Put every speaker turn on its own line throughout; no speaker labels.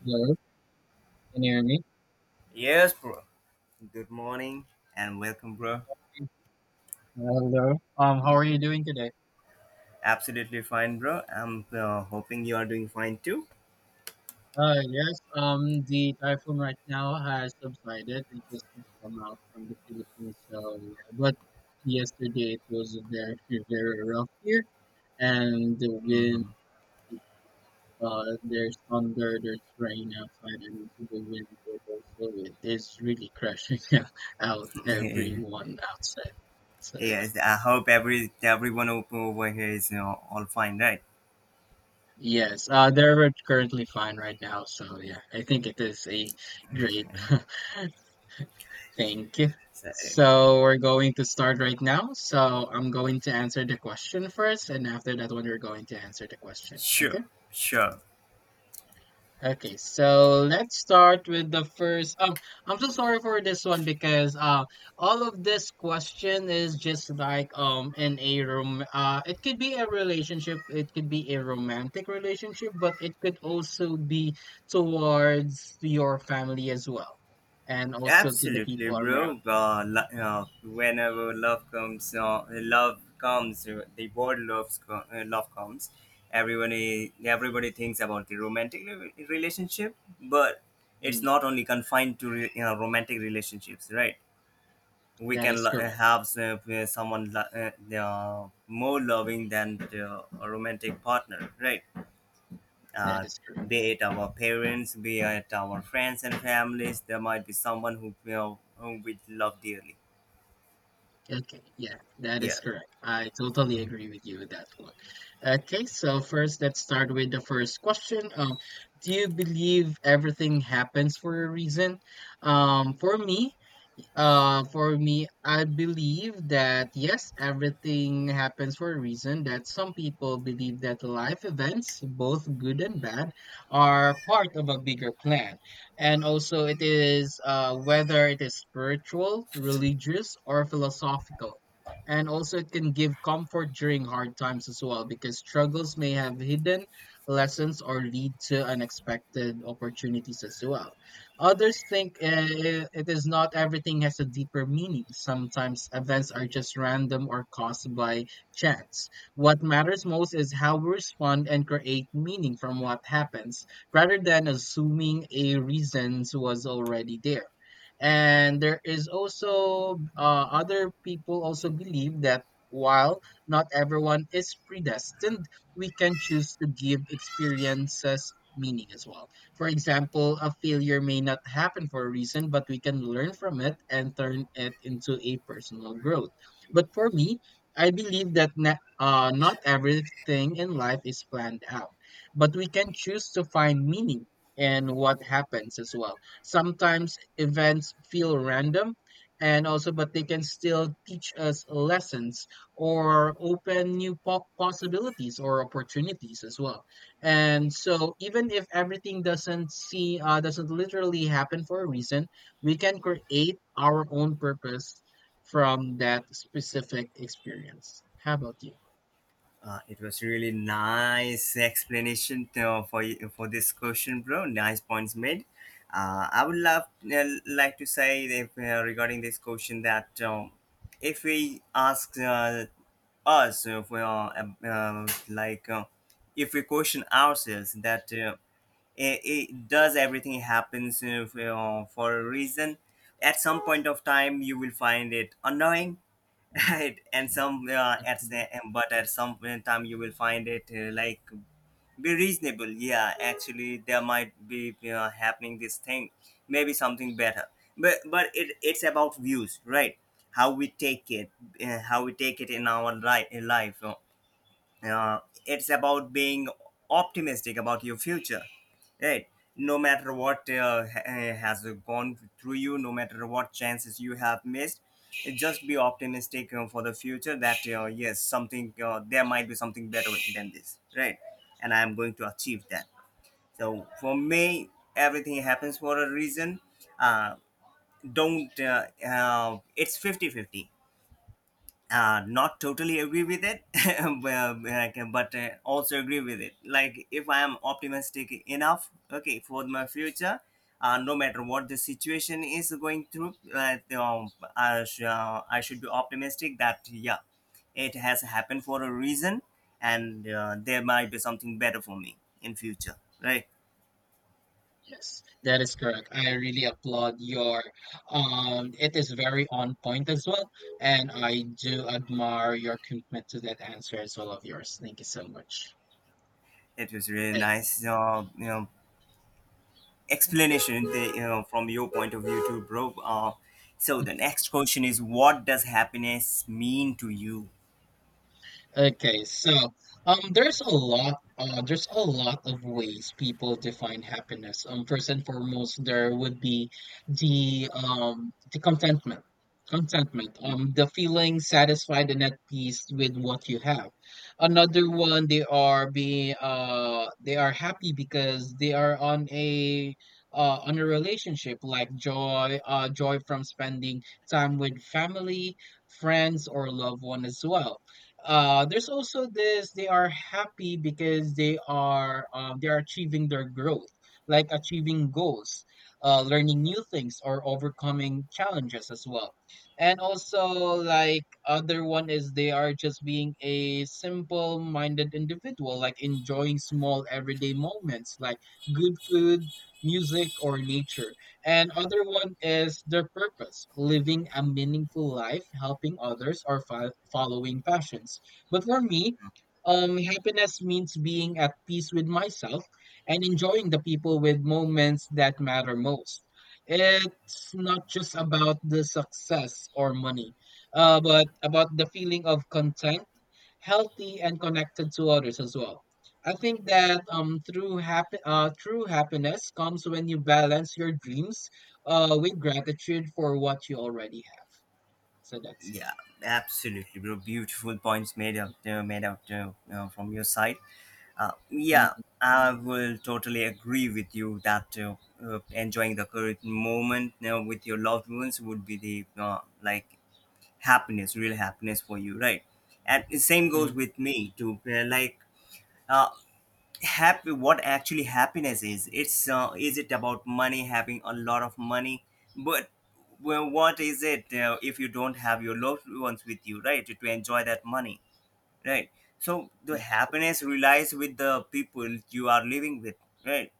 Hello, can you hear me?
Yes, bro. Good morning and welcome, bro.
Hello. How are you doing today?
Absolutely fine, bro. I'm hoping you are doing fine too.
Yes. The typhoon right now has subsided and just come out from the Philippines. So yeah, but yesterday it was very rough here, and the wind.
Hmm.
There's thunder, there's rain outside, and also the wind. It also it is really crashing out everyone outside. So yeah.
Yes, I hope everyone over here is all fine, right?
Yes, they're currently fine right now. So yeah, I think it is a great thing.
So,
So we're going to start right now. So I'm going to answer the question first, and after that one, you're going to answer the question. Okay?
sure, sure.
Okay, so let's start with the first. I'm so sorry for this one because all of this question is just like in a room. It could be a relationship. It could be a romantic relationship, but it could also be towards your family as well, and also to the
Absolutely,
people around.
bro. Whenever love comes, love comes. The word love comes. Everybody thinks about the relationship, but
Mm,
it's not only confined to romantic relationships, right? We
that
can
is correct.
have someone more loving than a romantic partner, right?
That
uh,
is correct.
be it our parents, be it our friends and families. There might be someone who, you know, whom we love dearly.
Okay, yeah, that is
Yeah,
correct. I totally agree with you with that one. Okay, so first, let's start with the first question. Do you believe everything happens for a reason? Um, for me, for me, I believe that yes, everything happens for a reason. That some people believe that life events, both good and bad, are part of a bigger plan. And also, it is whether it is spiritual, religious, or philosophical. And also, it can give comfort during hard times as well, because struggles may have hidden lessons or lead to unexpected opportunities as well. Others think it is not everything has a deeper meaning. Sometimes events are just random or caused by chance. What matters most is how we respond and create meaning from what happens, rather than assuming a reason was already there. And there is also other people also believe that while not everyone is predestined, we can choose to give experiences meaning as well. For example, a failure may not happen for a reason, but we can learn from it and turn it into a personal growth. But for me, I believe that not everything in life is planned out, but we can choose to find meaning in what happens as well. Sometimes events feel random and also but they can still teach us lessons or open new possibilities or opportunities as well, and so even if everything doesn't literally happen for a reason, we can create our own purpose from that specific experience. How about you?
it was really nice explanation for this question, bro. Nice points made. I would love like to say that, regarding this question that, if we ask us if we are uh, uh, like uh, if we question ourselves that. It, does everything happens for a reason? At some point of time you will find it annoying, right, and some at
Mhm.
the- and- but at some point time you will find it like be reasonable. Yeah, actually there might be happening this thing, maybe something better. It's about views, right? How we take it, how we take it in our life. Uh, it's about being optimistic about your future, right? No matter what has gone through you, no matter what chances you have missed, just be optimistic for the future, that yes, something, there might be something better than this, right? And I am going to achieve that. So for me, everything happens for a reason. Uh, don't It's fifty-fifty. Not totally agree with it, well, like, but also agree with it, like if I am optimistic enough, okay, for my future, no matter what the situation is going through. I should be optimistic that yeah, it has happened for a reason, and there might be something better for me in future, right?
Yes, that is correct. I really applaud your it is very on point as well. And I do admire your commitment to that answer as well of yours. Thank you so much.
It was really nice, explanation,
Thank-
from your point of view too, bro. So the next question is, what does happiness mean to you?
Okay, so there's a lot of ways people define happiness. First and foremost, there would be the contentment,
Mm.
the feeling satisfied and at peace with what you have. Another one, they are being, they are happy because they are on a relationship like joy from spending time with family, friends, or loved one as well. There's also this, they are happy because they are achieving their growth, like achieving goals, learning new things or overcoming challenges as well. And also, like, other one is they are just being a simple minded individual, like enjoying small everyday moments like good food, music, or nature. And other one is their purpose, living a meaningful life, helping others, or following passions. But for me, happiness means being at peace with myself and enjoying the people with moments that matter most. It's not just about the success or money, but about the feeling of content, healthy, and connected to others as well. I think that through happy true happiness comes when you balance your dreams with gratitude for what you already have. So that's
Yeah, absolutely, bro. Beautiful points made up,
it.
made out, from your side. Yeah,
Mm-hmm.
I will totally agree with you that, enjoying the current moment, you know, with your loved ones would be the, like, happiness, real happiness for you, right? And the same goes with me too. Like, uh, happy, what actually happiness is, it's, is it about money, having a lot of money? But well, what is it if you don't have your loved ones with you, right, to enjoy that money, right? So the
That's correct.
happiness relies with the people you are living with, right?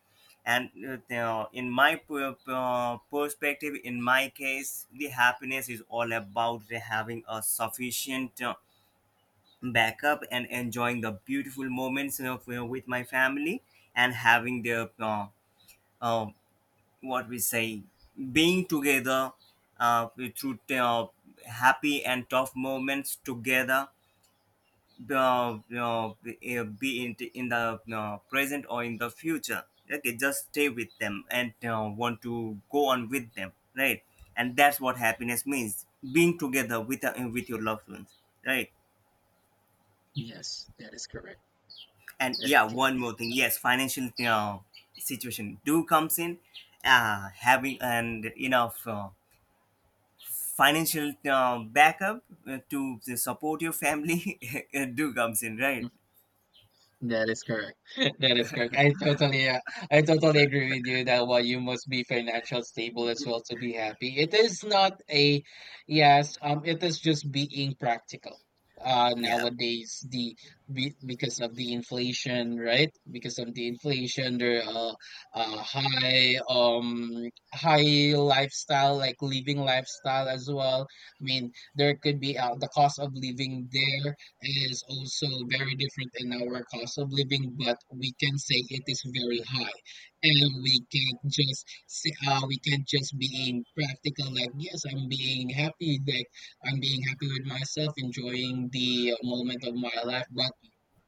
And in my perspective, in my case, the happiness is all about having a sufficient back up and enjoying the beautiful moments of, you know, with my family, and having the, uh, what we say, being together uh, through happy and tough moments together, be, be in, in the present or in the future. Okay, just stay with them and want to go on with them, right? And that's what happiness means, being together with your loved ones, right.
Yes, that is correct.
And yeah,
Okay.
one more thing, yes, financial situation do comes in. Having and enough financial backup to support your family, it do comes in, right?
That is correct. That is correct. I totally agree with you that while you must be financial stable as well to be happy. It is not a yes. It is just being practical.
Yeah,
Nowadays because of the inflation, right? Because of the inflation, there are uh, high um high lifestyle like living lifestyle as well. I mean, there could be the cost of living there is also very different in our cost of living, but we can say it is very high, and we can't just being practical. Like yes, I'm being happy with myself, enjoying the moment of my life, but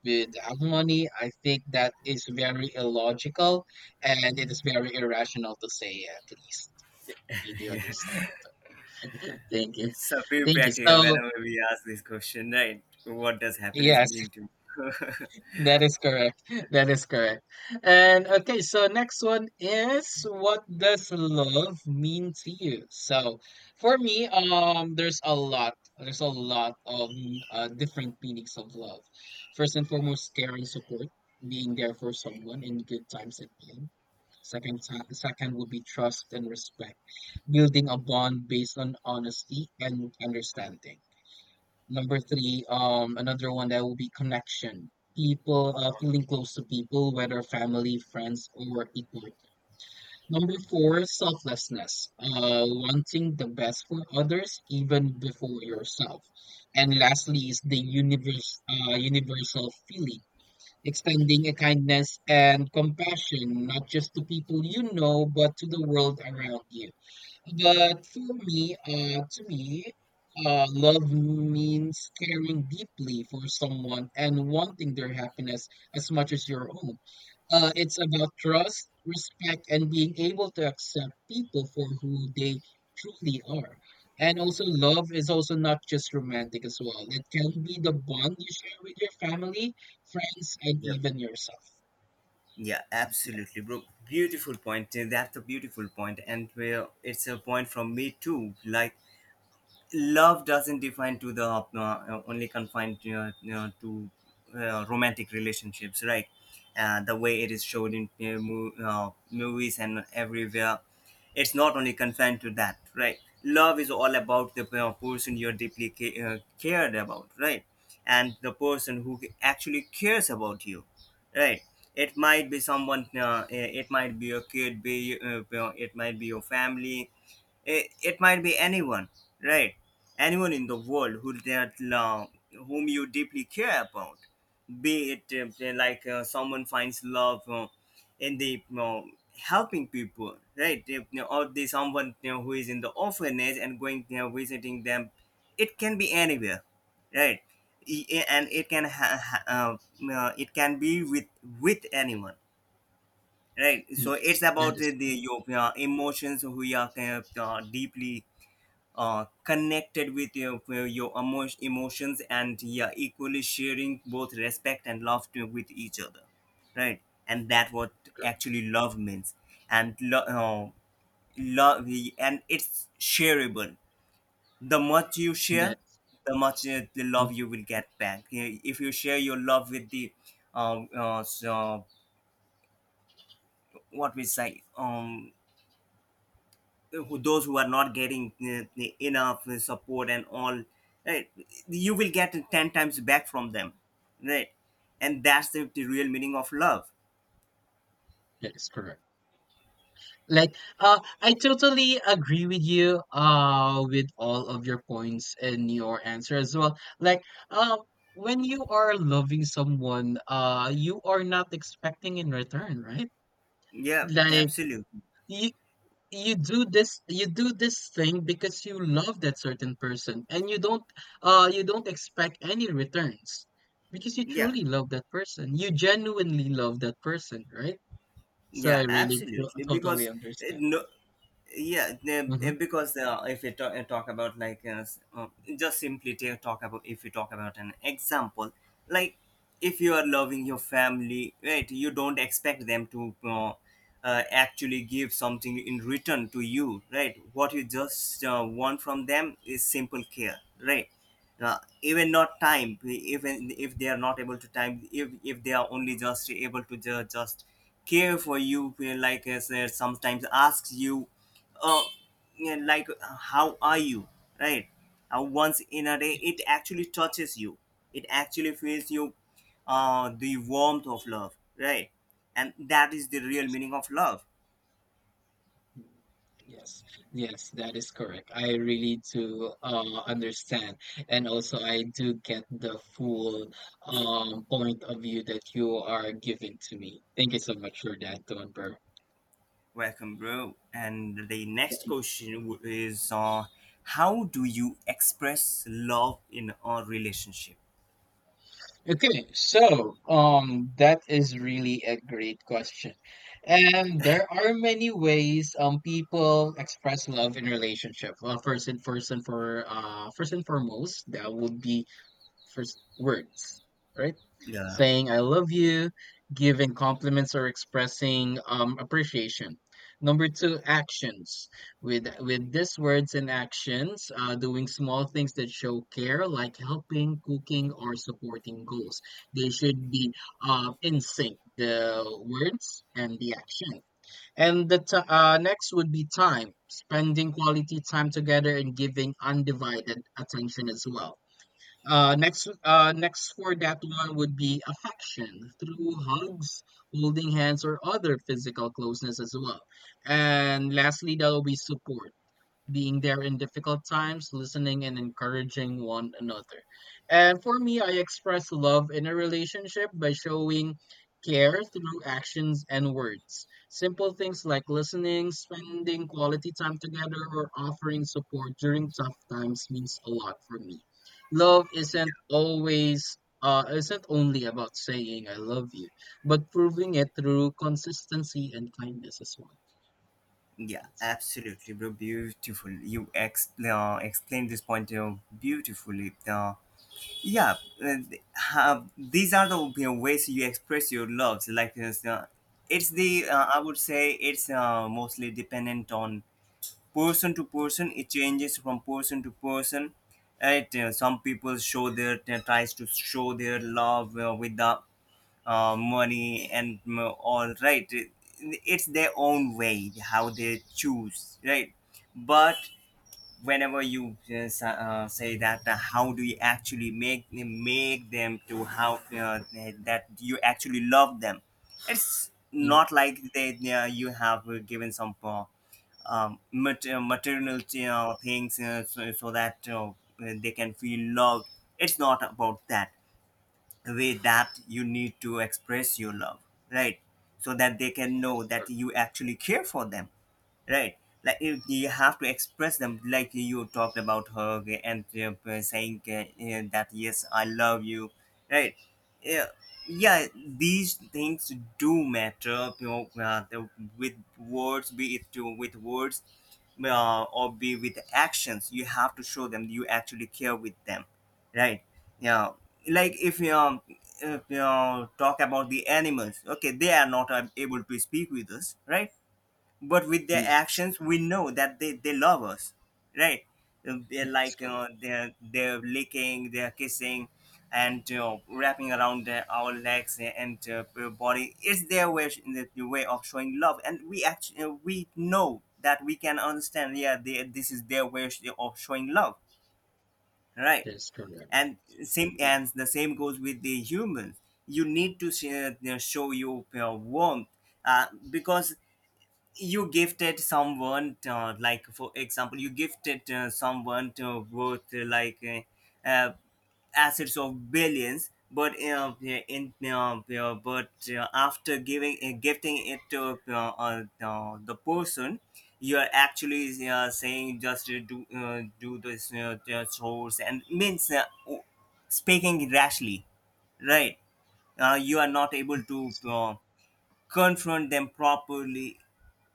without money, I think that is very illogical, and it is very irrational to say. At least, you do understand that. Thank you,
so be
thank you.
practical
So.
whenever we ask this question, right, what does happiness
Yes,
mean to you?
that is correct. That is correct. And okay, so next one is what does love mean to you? So for me, there's a lot of different meanings of love. First and foremost, care and support, being there for someone in good times and pain. Second would be trust and respect, building a bond based on honesty and understanding. Number three, another one that will be connection. People Feeling close to people, whether family, friends, or equal. Number four, selflessness. Wanting the best for others, even before yourself. And lastly, is universal feeling, extending a kindness and compassion, not just to people you know, but to the world around you. To me, love means caring deeply for someone and wanting their happiness as much as your own. It's about trust, respect, and being able to accept people for who they truly are. And also, love is also not just romantic as well. It can be the bond you share with your family, friends, and
Yeah,
even yourself.
yeah,
Yes,
absolutely, bro, beautiful point. That's a beautiful point, and well, it's a point from me too, like, love doesn't define to the, only confined to, to romantic relationships, right? The way it is showed in movies and everywhere, it's not only confined to that, right. Love is all about the person you're deeply cared about, right, and the person who actually cares about you, right. It might be someone, it might be your kid, be it might be your family, it might be anyone, right, anyone in the world who that love, whom you deeply care about. Be it someone finds love in the helping people, right. If, you know, or the someone you know, who is in the orphanage and going, you know, visiting them, it can be anywhere, right. E- e- and it can ha- ha- It can be with anyone, right. So it's
yes,
about
that is
the your emotions, who you are deeply connected with your emotions, and yeah, equally sharing both respect and laughter with each other, right, and that what
correct.
actually love means. and lo- uh, love, and it's shareable. The much you share,
That,
the much, the love you will get back if you share your love with the, um, uh, so what we say, those who are not getting enough support and all, right, you will get 10 times back from them, right, and that's the real meaning of love.
that is correct. Like, I totally agree with you, with all of your points and your answer as well. Like, um, when you are loving someone, you are not expecting in return, right?
Yeah,
Like,
absolutely.
you you do this thing because you love that certain person, and you don't expect any returns because you
Yeah,
truly love that person. You genuinely love that person, right? So I
yeah,
really
absolutely,
totally
because,
understand.
no, yeah,
Mm-hmm.
because if you ta- eh, talk about like s- just simply ta- talk about, if you talk about an example, like, if you are loving your family, right, you don't expect them to actually give something in return to you, right. What you just want from them is simple care, right. Even not time, even if they are not able to time, if they are only just able to just care for you, sometimes asks you, uh, yeah, how are you, right? Once in a day,
Yes,
it actually touches you, it actually feels you, the warmth of love, right, and that is the real
yes.
meaning of love.
Yes, yes, that is correct. I really do understand, and also I do get the full point of view that you are giving to me. Thank you so much for that, Don Burr.
Welcome, bro. And the next question is, how do you express love in a relationship?
Okay, so that is really a great question, and there are many ways people express love in relationship. Well, first and foremost, that would be first words, right?
Yeah,
Saying I love you, giving compliments or expressing appreciation. Number two, actions. With these words and actions, doing small things that show care, like helping, cooking, or supporting goals. They should be in sync, the words and the action. And next would be time, spending quality time together and giving undivided attention as well. Next for that one would be affection through hugs, holding hands, or other physical closeness as well. And lastly, that will be support, being there in difficult times, listening and encouraging one another. And for me, I express love in a relationship by showing care through actions and words. Simple things like listening, spending quality time together, or offering support during tough times means a lot for me. Love isn't only about saying I love you, but proving it through consistency and kindness as well.
yeah,
That's,
absolutely, bro, beautiful you explained this point beautifully. Yeah, uh, these are the, you know, ways you express your loves. Like, so, it's the, I would say it's mostly dependent on person to person. It changes from person to person. Right? Some people show their tries to show their love with the money and all, right. It's their own way how they choose, right? But whenever you say that, how do you actually make them to how that you actually love them, it's
mm,
not like they are- you have given some, maternal things, so that they can feel loved, it's not about that. The way that you need to express your love, right, so that they can
that
know
is
that
our
you actually care for them, right, like you
answer.
have to express them, like you talked about her, okay, and saying that yes, I love you, right. Yeah, yeah, these things do matter, you know, with words, with words or be with actions, you have to show them you actually care with them, right. Yeah, like if you talk about the animals, okay, they are not able to speak with us, right, but with their
Yes.
actions we know that they love us, right. They're
That is
like, you
correct.
know, they're licking, they're kissing, and you know, wrapping around our legs and body is their way, the way of showing love, and we actually we know that we can understand, yeah, this is their way of showing love, right,
That is correct.
and same,
Mm,
and the same goes with the humans. You need to you know, show your warmth, because you gifted someone, like for example, you gifted someone worth uh, uh, assets of billions, but yeah, but after giving, gifting it to the person, you are actually saying just, do, do this chores and means, speaking rashly, right. You are not able to confront them properly,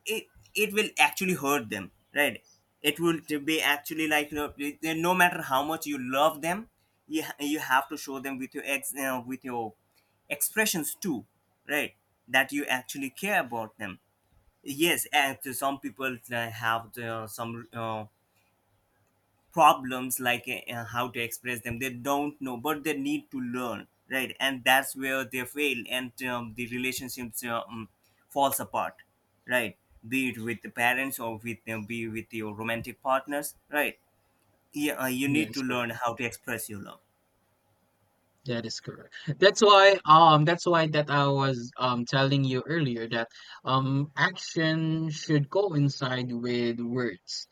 it it will actually hurt them, right. It will to be actually like, no, no matter how much you love them, you have to show them with your ex with your expressions too, right That you actually care about them. Yes, and to some people have some problems like how to express them they don't know, but they need to learn, right? And that's where they fail and the relationships falls apart, right? Be it with the parents or with them, be with your romantic partners, right? Yeah, you
that
need to
is correct.
learn how to express your love.
That is correct. That's why that I was telling you earlier that action should coincide with words,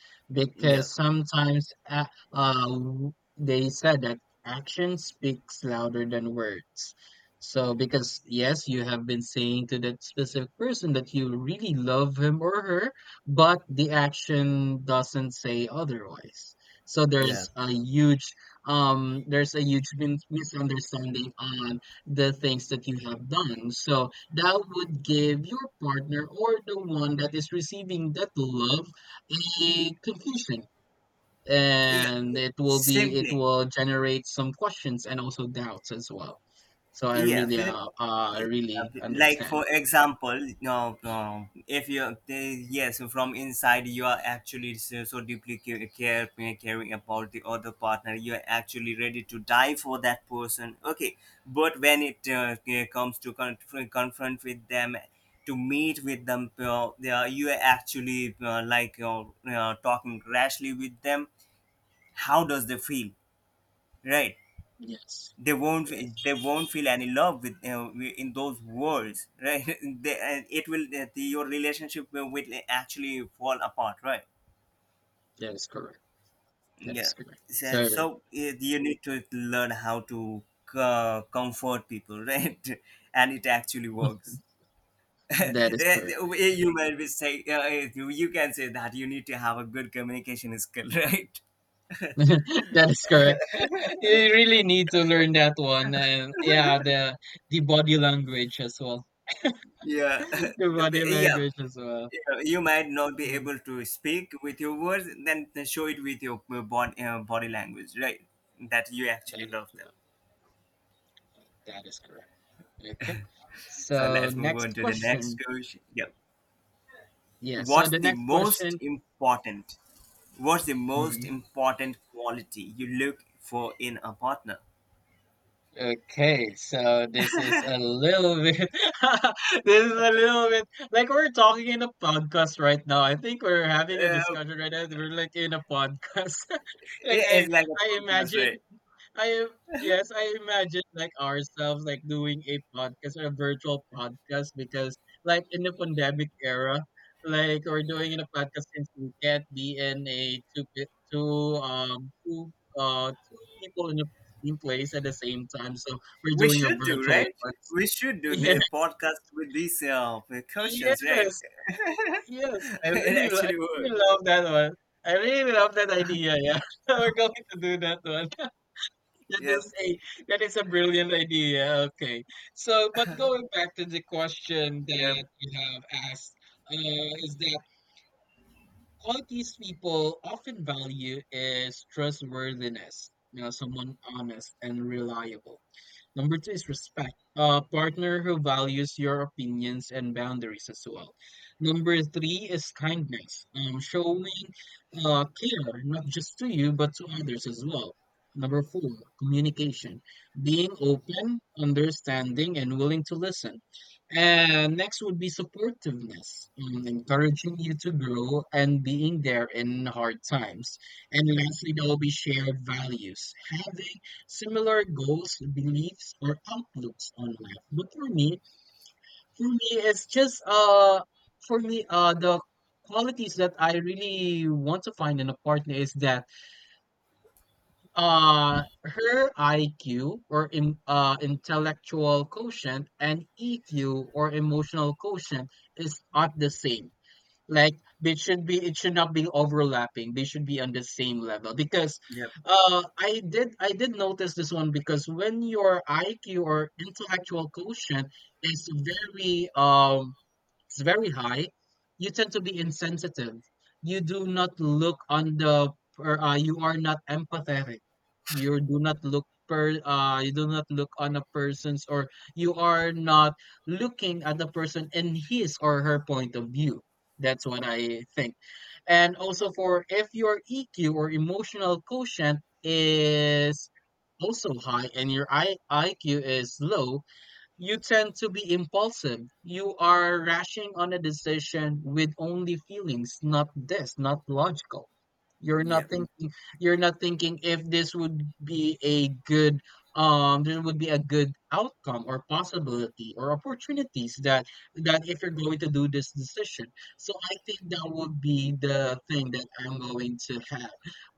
Yeah.
because sometimes they said that action speaks louder than words. So because yes, you have been saying to that specific person that you really love him or her, but the action doesn't say otherwise. So
Yeah.
there's a huge misunderstanding on the things that you have done, so that would give your partner or the one that is receiving that love a confusion,
Yeah,
and it
simply.
will generate some questions and also doubts as well. So I
Yeah.
really I really
Like
understand.
for example, if you yes, from inside you are actually so, so deeply caring about the other partner, you are actually ready to die for that person, okay? But when it comes to confront with them, to meet with them, you are actually talking rashly with them, how does they feel, right?
yes
They won't,
yes
they won't feel any love with in those words, right? And it will your relationship will actually fall apart, right?
that is correct. That is
Yeah.
correct.
so,
So
so eh, you need to learn how to comfort people, right? And it actually works.
that is
Eh,
correct.
you might be say eh, you can say that you need to have a good communication skill, right?
That is correct. You really need to learn that one, and yeah, the body language as well.
Yeah.
The body
Yeah,
language as well.
you know, you might not be
Mm,
able to speak with your words, then show it with your body language, right? That you
that
actually
is
love them.
correct. That is correct. Okay.
So
So
let's move on
next
to the next
question.
question. Yep.
Yeah. So
What's
the
the
next
most
question.
important? What's the most
Mhm.
important quality you look for in a partner?
Okay. So this is a little bit. This is a little bit like we're talking in a podcast right now. I think we're having a
Uh,
discussion right now. We're like in a podcast. Like I,
it's like a
I
podcast,
imagine.
right?
I yes, I imagine like ourselves like doing a podcast or a virtual podcast because like in the pandemic era, like we're doing in a podcast since we can't be in a two pe- two two two people in the same place at the same time. So we're
We
doing a
should do,
virtual
right? We
one.
should do the podcast with these
Yeah,
questions, right?
yes,
It
yes. I
actually worked.
really love that one. I really love that idea. Yeah, we're going to do that one. That
Yep,
is a that is a brilliant idea. Okay. So, but going back to the question
yep,
that you have asked, is that qualities people often value is trustworthiness, you know, someone honest and reliable. Number two is respect, a partner who values your opinions and boundaries as well. Number three is kindness, showing care not just to you but to others as well. Number four, communication, being open, understanding, and willing to listen. And next would be supportiveness, encouraging you to grow and being there in hard times. And lastly, there will be shared values, having similar goals, beliefs, or outlooks on life. But for me, it's just for me, the qualities that I really want to find in a partner is that her IQ or im intellectual quotient and EQ or emotional quotient is not the same. Like they should be it should not be overlapping. They should be on the same level because
yep.
I did notice this one because when your IQ or intellectual quotient is very it's very high, you tend to be insensitive. You are not empathetic. You do not look on a person's or you are not looking at the person in his or her point of view. That's what I think. And also, for if your EQ or emotional quotient is also high and your IQ is low, you tend to be impulsive. You are rushing on a decision with only feelings, not this, not logical. You're not Mm.
Yep.
thinking you're not thinking if this would be a good there would be a good outcome or possibility or opportunities that if you're going to do this decision. So I think that would be the thing that I'm going to have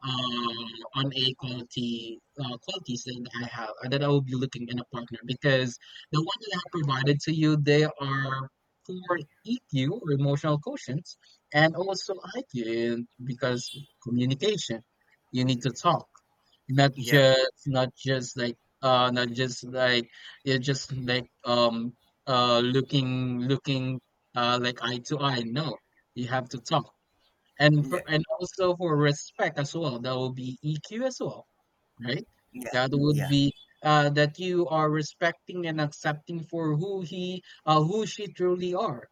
uh, on a quality qualities that I have that I will be looking in a partner because the ones that I provided to you, they are for EQ or emotional quotients and also IQ, and because communication. You need to talk. Not
Yep.
just not just like not just like you're just like looking looking like eye to eye. No. You have to talk. And for
Yeah.
and also for respect as well. That will be EQ as well, right?
Yeah.
That would
Yeah.
be that you are respecting and accepting for who he who she truly are.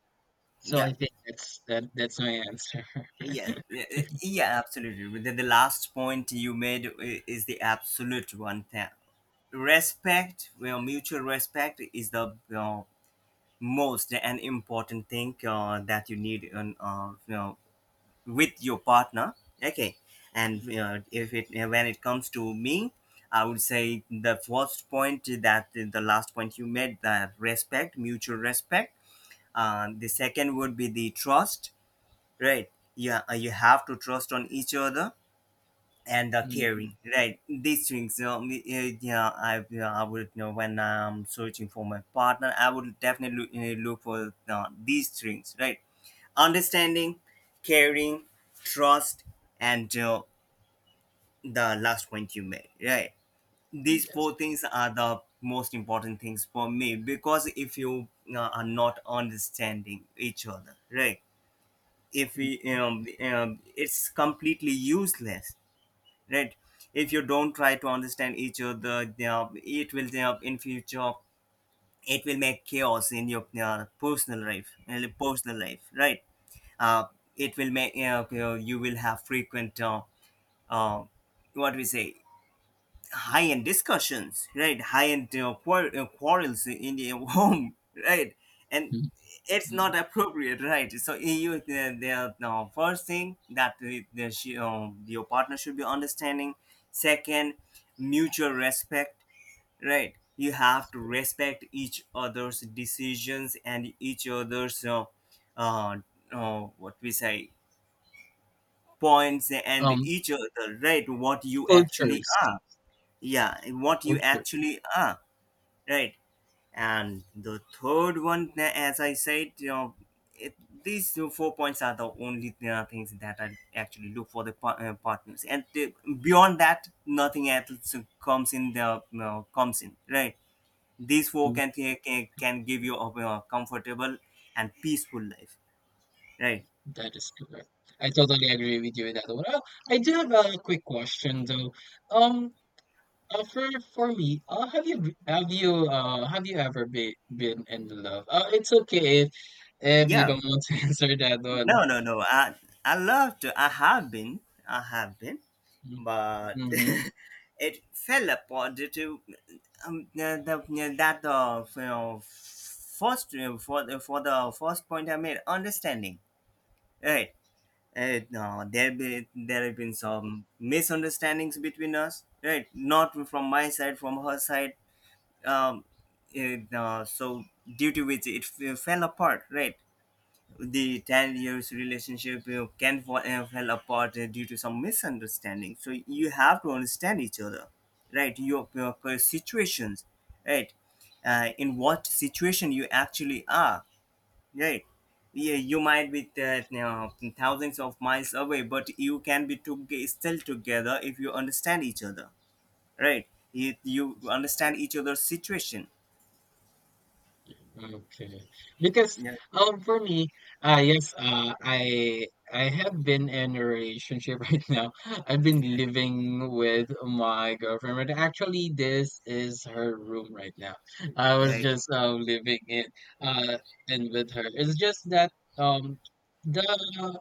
So I
Yeah.
think that's my answer.
Yeah. Yeah. Yeah, absolutely. With the last point you made is the absolute one thing. Respect, well, mutual respect is the most and important thing that you need in, you know, with your partner. Okay. And you know, if it when it comes to me, I would say the last point you made, that respect, mutual respect, and the second would be the trust, right? Yeah, you have to trust on each other, and the
Mhm.
caring, right? These things, you know, yeah, I yeah, I would, you know, when I'm searching for my partner, I would definitely look for these things, right? Understanding, caring, trust, and the last point you made, right? These
Yes.
four things are the most important things for me. Because if you are not understanding each other, right, if we it's completely useless, right? If you don't try to understand each other, it will in future, it will make chaos in your personal life, right? uh, it will make you will have frequent uh, what we say, high end discussions, right? High end quarrels in the home, right? And it's
Mhm.
not appropriate, right? So you, the first thing that she, your partner should be understanding. Second, mutual respect, right? You have to respect each other's decisions and each other's uh, what we say, points, and
Um,
each other, right? What you actually
cultures,
are. Yeah, what you
cultures.
actually are, right? And the third one, as I said, you know, it, these 4 points are the only things that I actually look for the partners, and beyond that nothing else comes in the, you know, comes in, right? These four
Mhm.
can can give you a comfortable and peaceful life, right?
That is correct. I totally agree with you with that one. I do have a quick question though. Um, for me, have you ever been in love? It's okay if you
Yeah.
don't want to answer that one.
No, no, no. I love to. I have been. I have been, but
Mm-hmm.
it fell upon due to the, that the you know, first, for the, for the first point I made, understanding, right. No, there have been some misunderstandings between us, right? Not from my side, from her side. Um, so due to which it fell apart, right? The 10 years relationship, you know, can fall apart due to some misunderstanding, so you have to understand each other, right? Your situations, right? In what situation you actually are, right? Yeah, you might be you know, thousands of miles away, but you can be still together if you understand each other, right? You understand each other's situation.
Okay. Because
Yeah.
for me, yes, I have been in a relationship right now. I've been living with my girlfriend. Right now. Actually, this is her room right now. I was
Yeah.
just living uh in with her. It's just that um the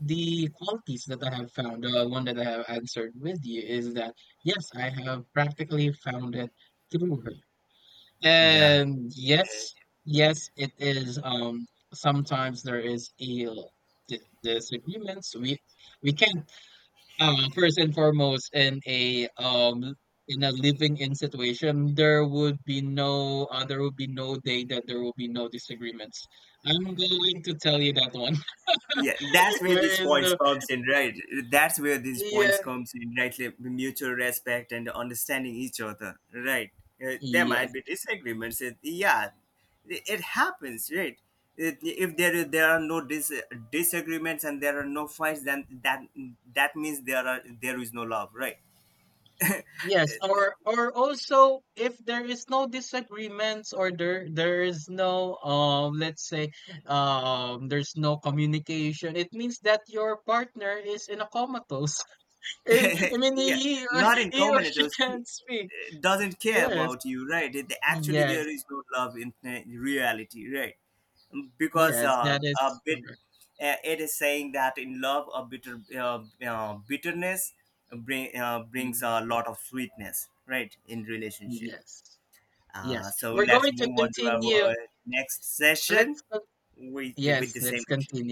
qualities that I have found, one that I have answered with you is that yes, I have practically found it through her.
Yeah.
And yes, yes, it is. Sometimes there is a disagreements. We can't first and foremost in a living in situation there would be no there would be no day that there will be no disagreements. I'm going to tell you that one.
Yeah, that's where
There
these
is
points
no
comes in, right? That's where these
yeah.
points comes in, right? Like mutual respect and understanding each other, right? There might
Yes,
be disagreements. Yeah, it happens, right? If there are no disagreements and there are no fights, then that that means there is no love, right?
yes, or also if there is no disagreements or there is no let's say there's no communication, it means that your partner is in a comatose. I mean
Yeah, not in
he or
common, it
she
was
can't speak.
doesn't care
Yes,
about you, right? Actually
yes,
there is no love in reality, right? Because
yes, that
a
is
bit
correct.
it is saying that in love a bitter bitterness brings
Mm,
a lot of sweetness, right, in relationship.
yes,
Uh,
yes.
so
We're
let's
going to
move on to
continue.
our next session
Let's con-
with
yes,
the
let's
same question
continue.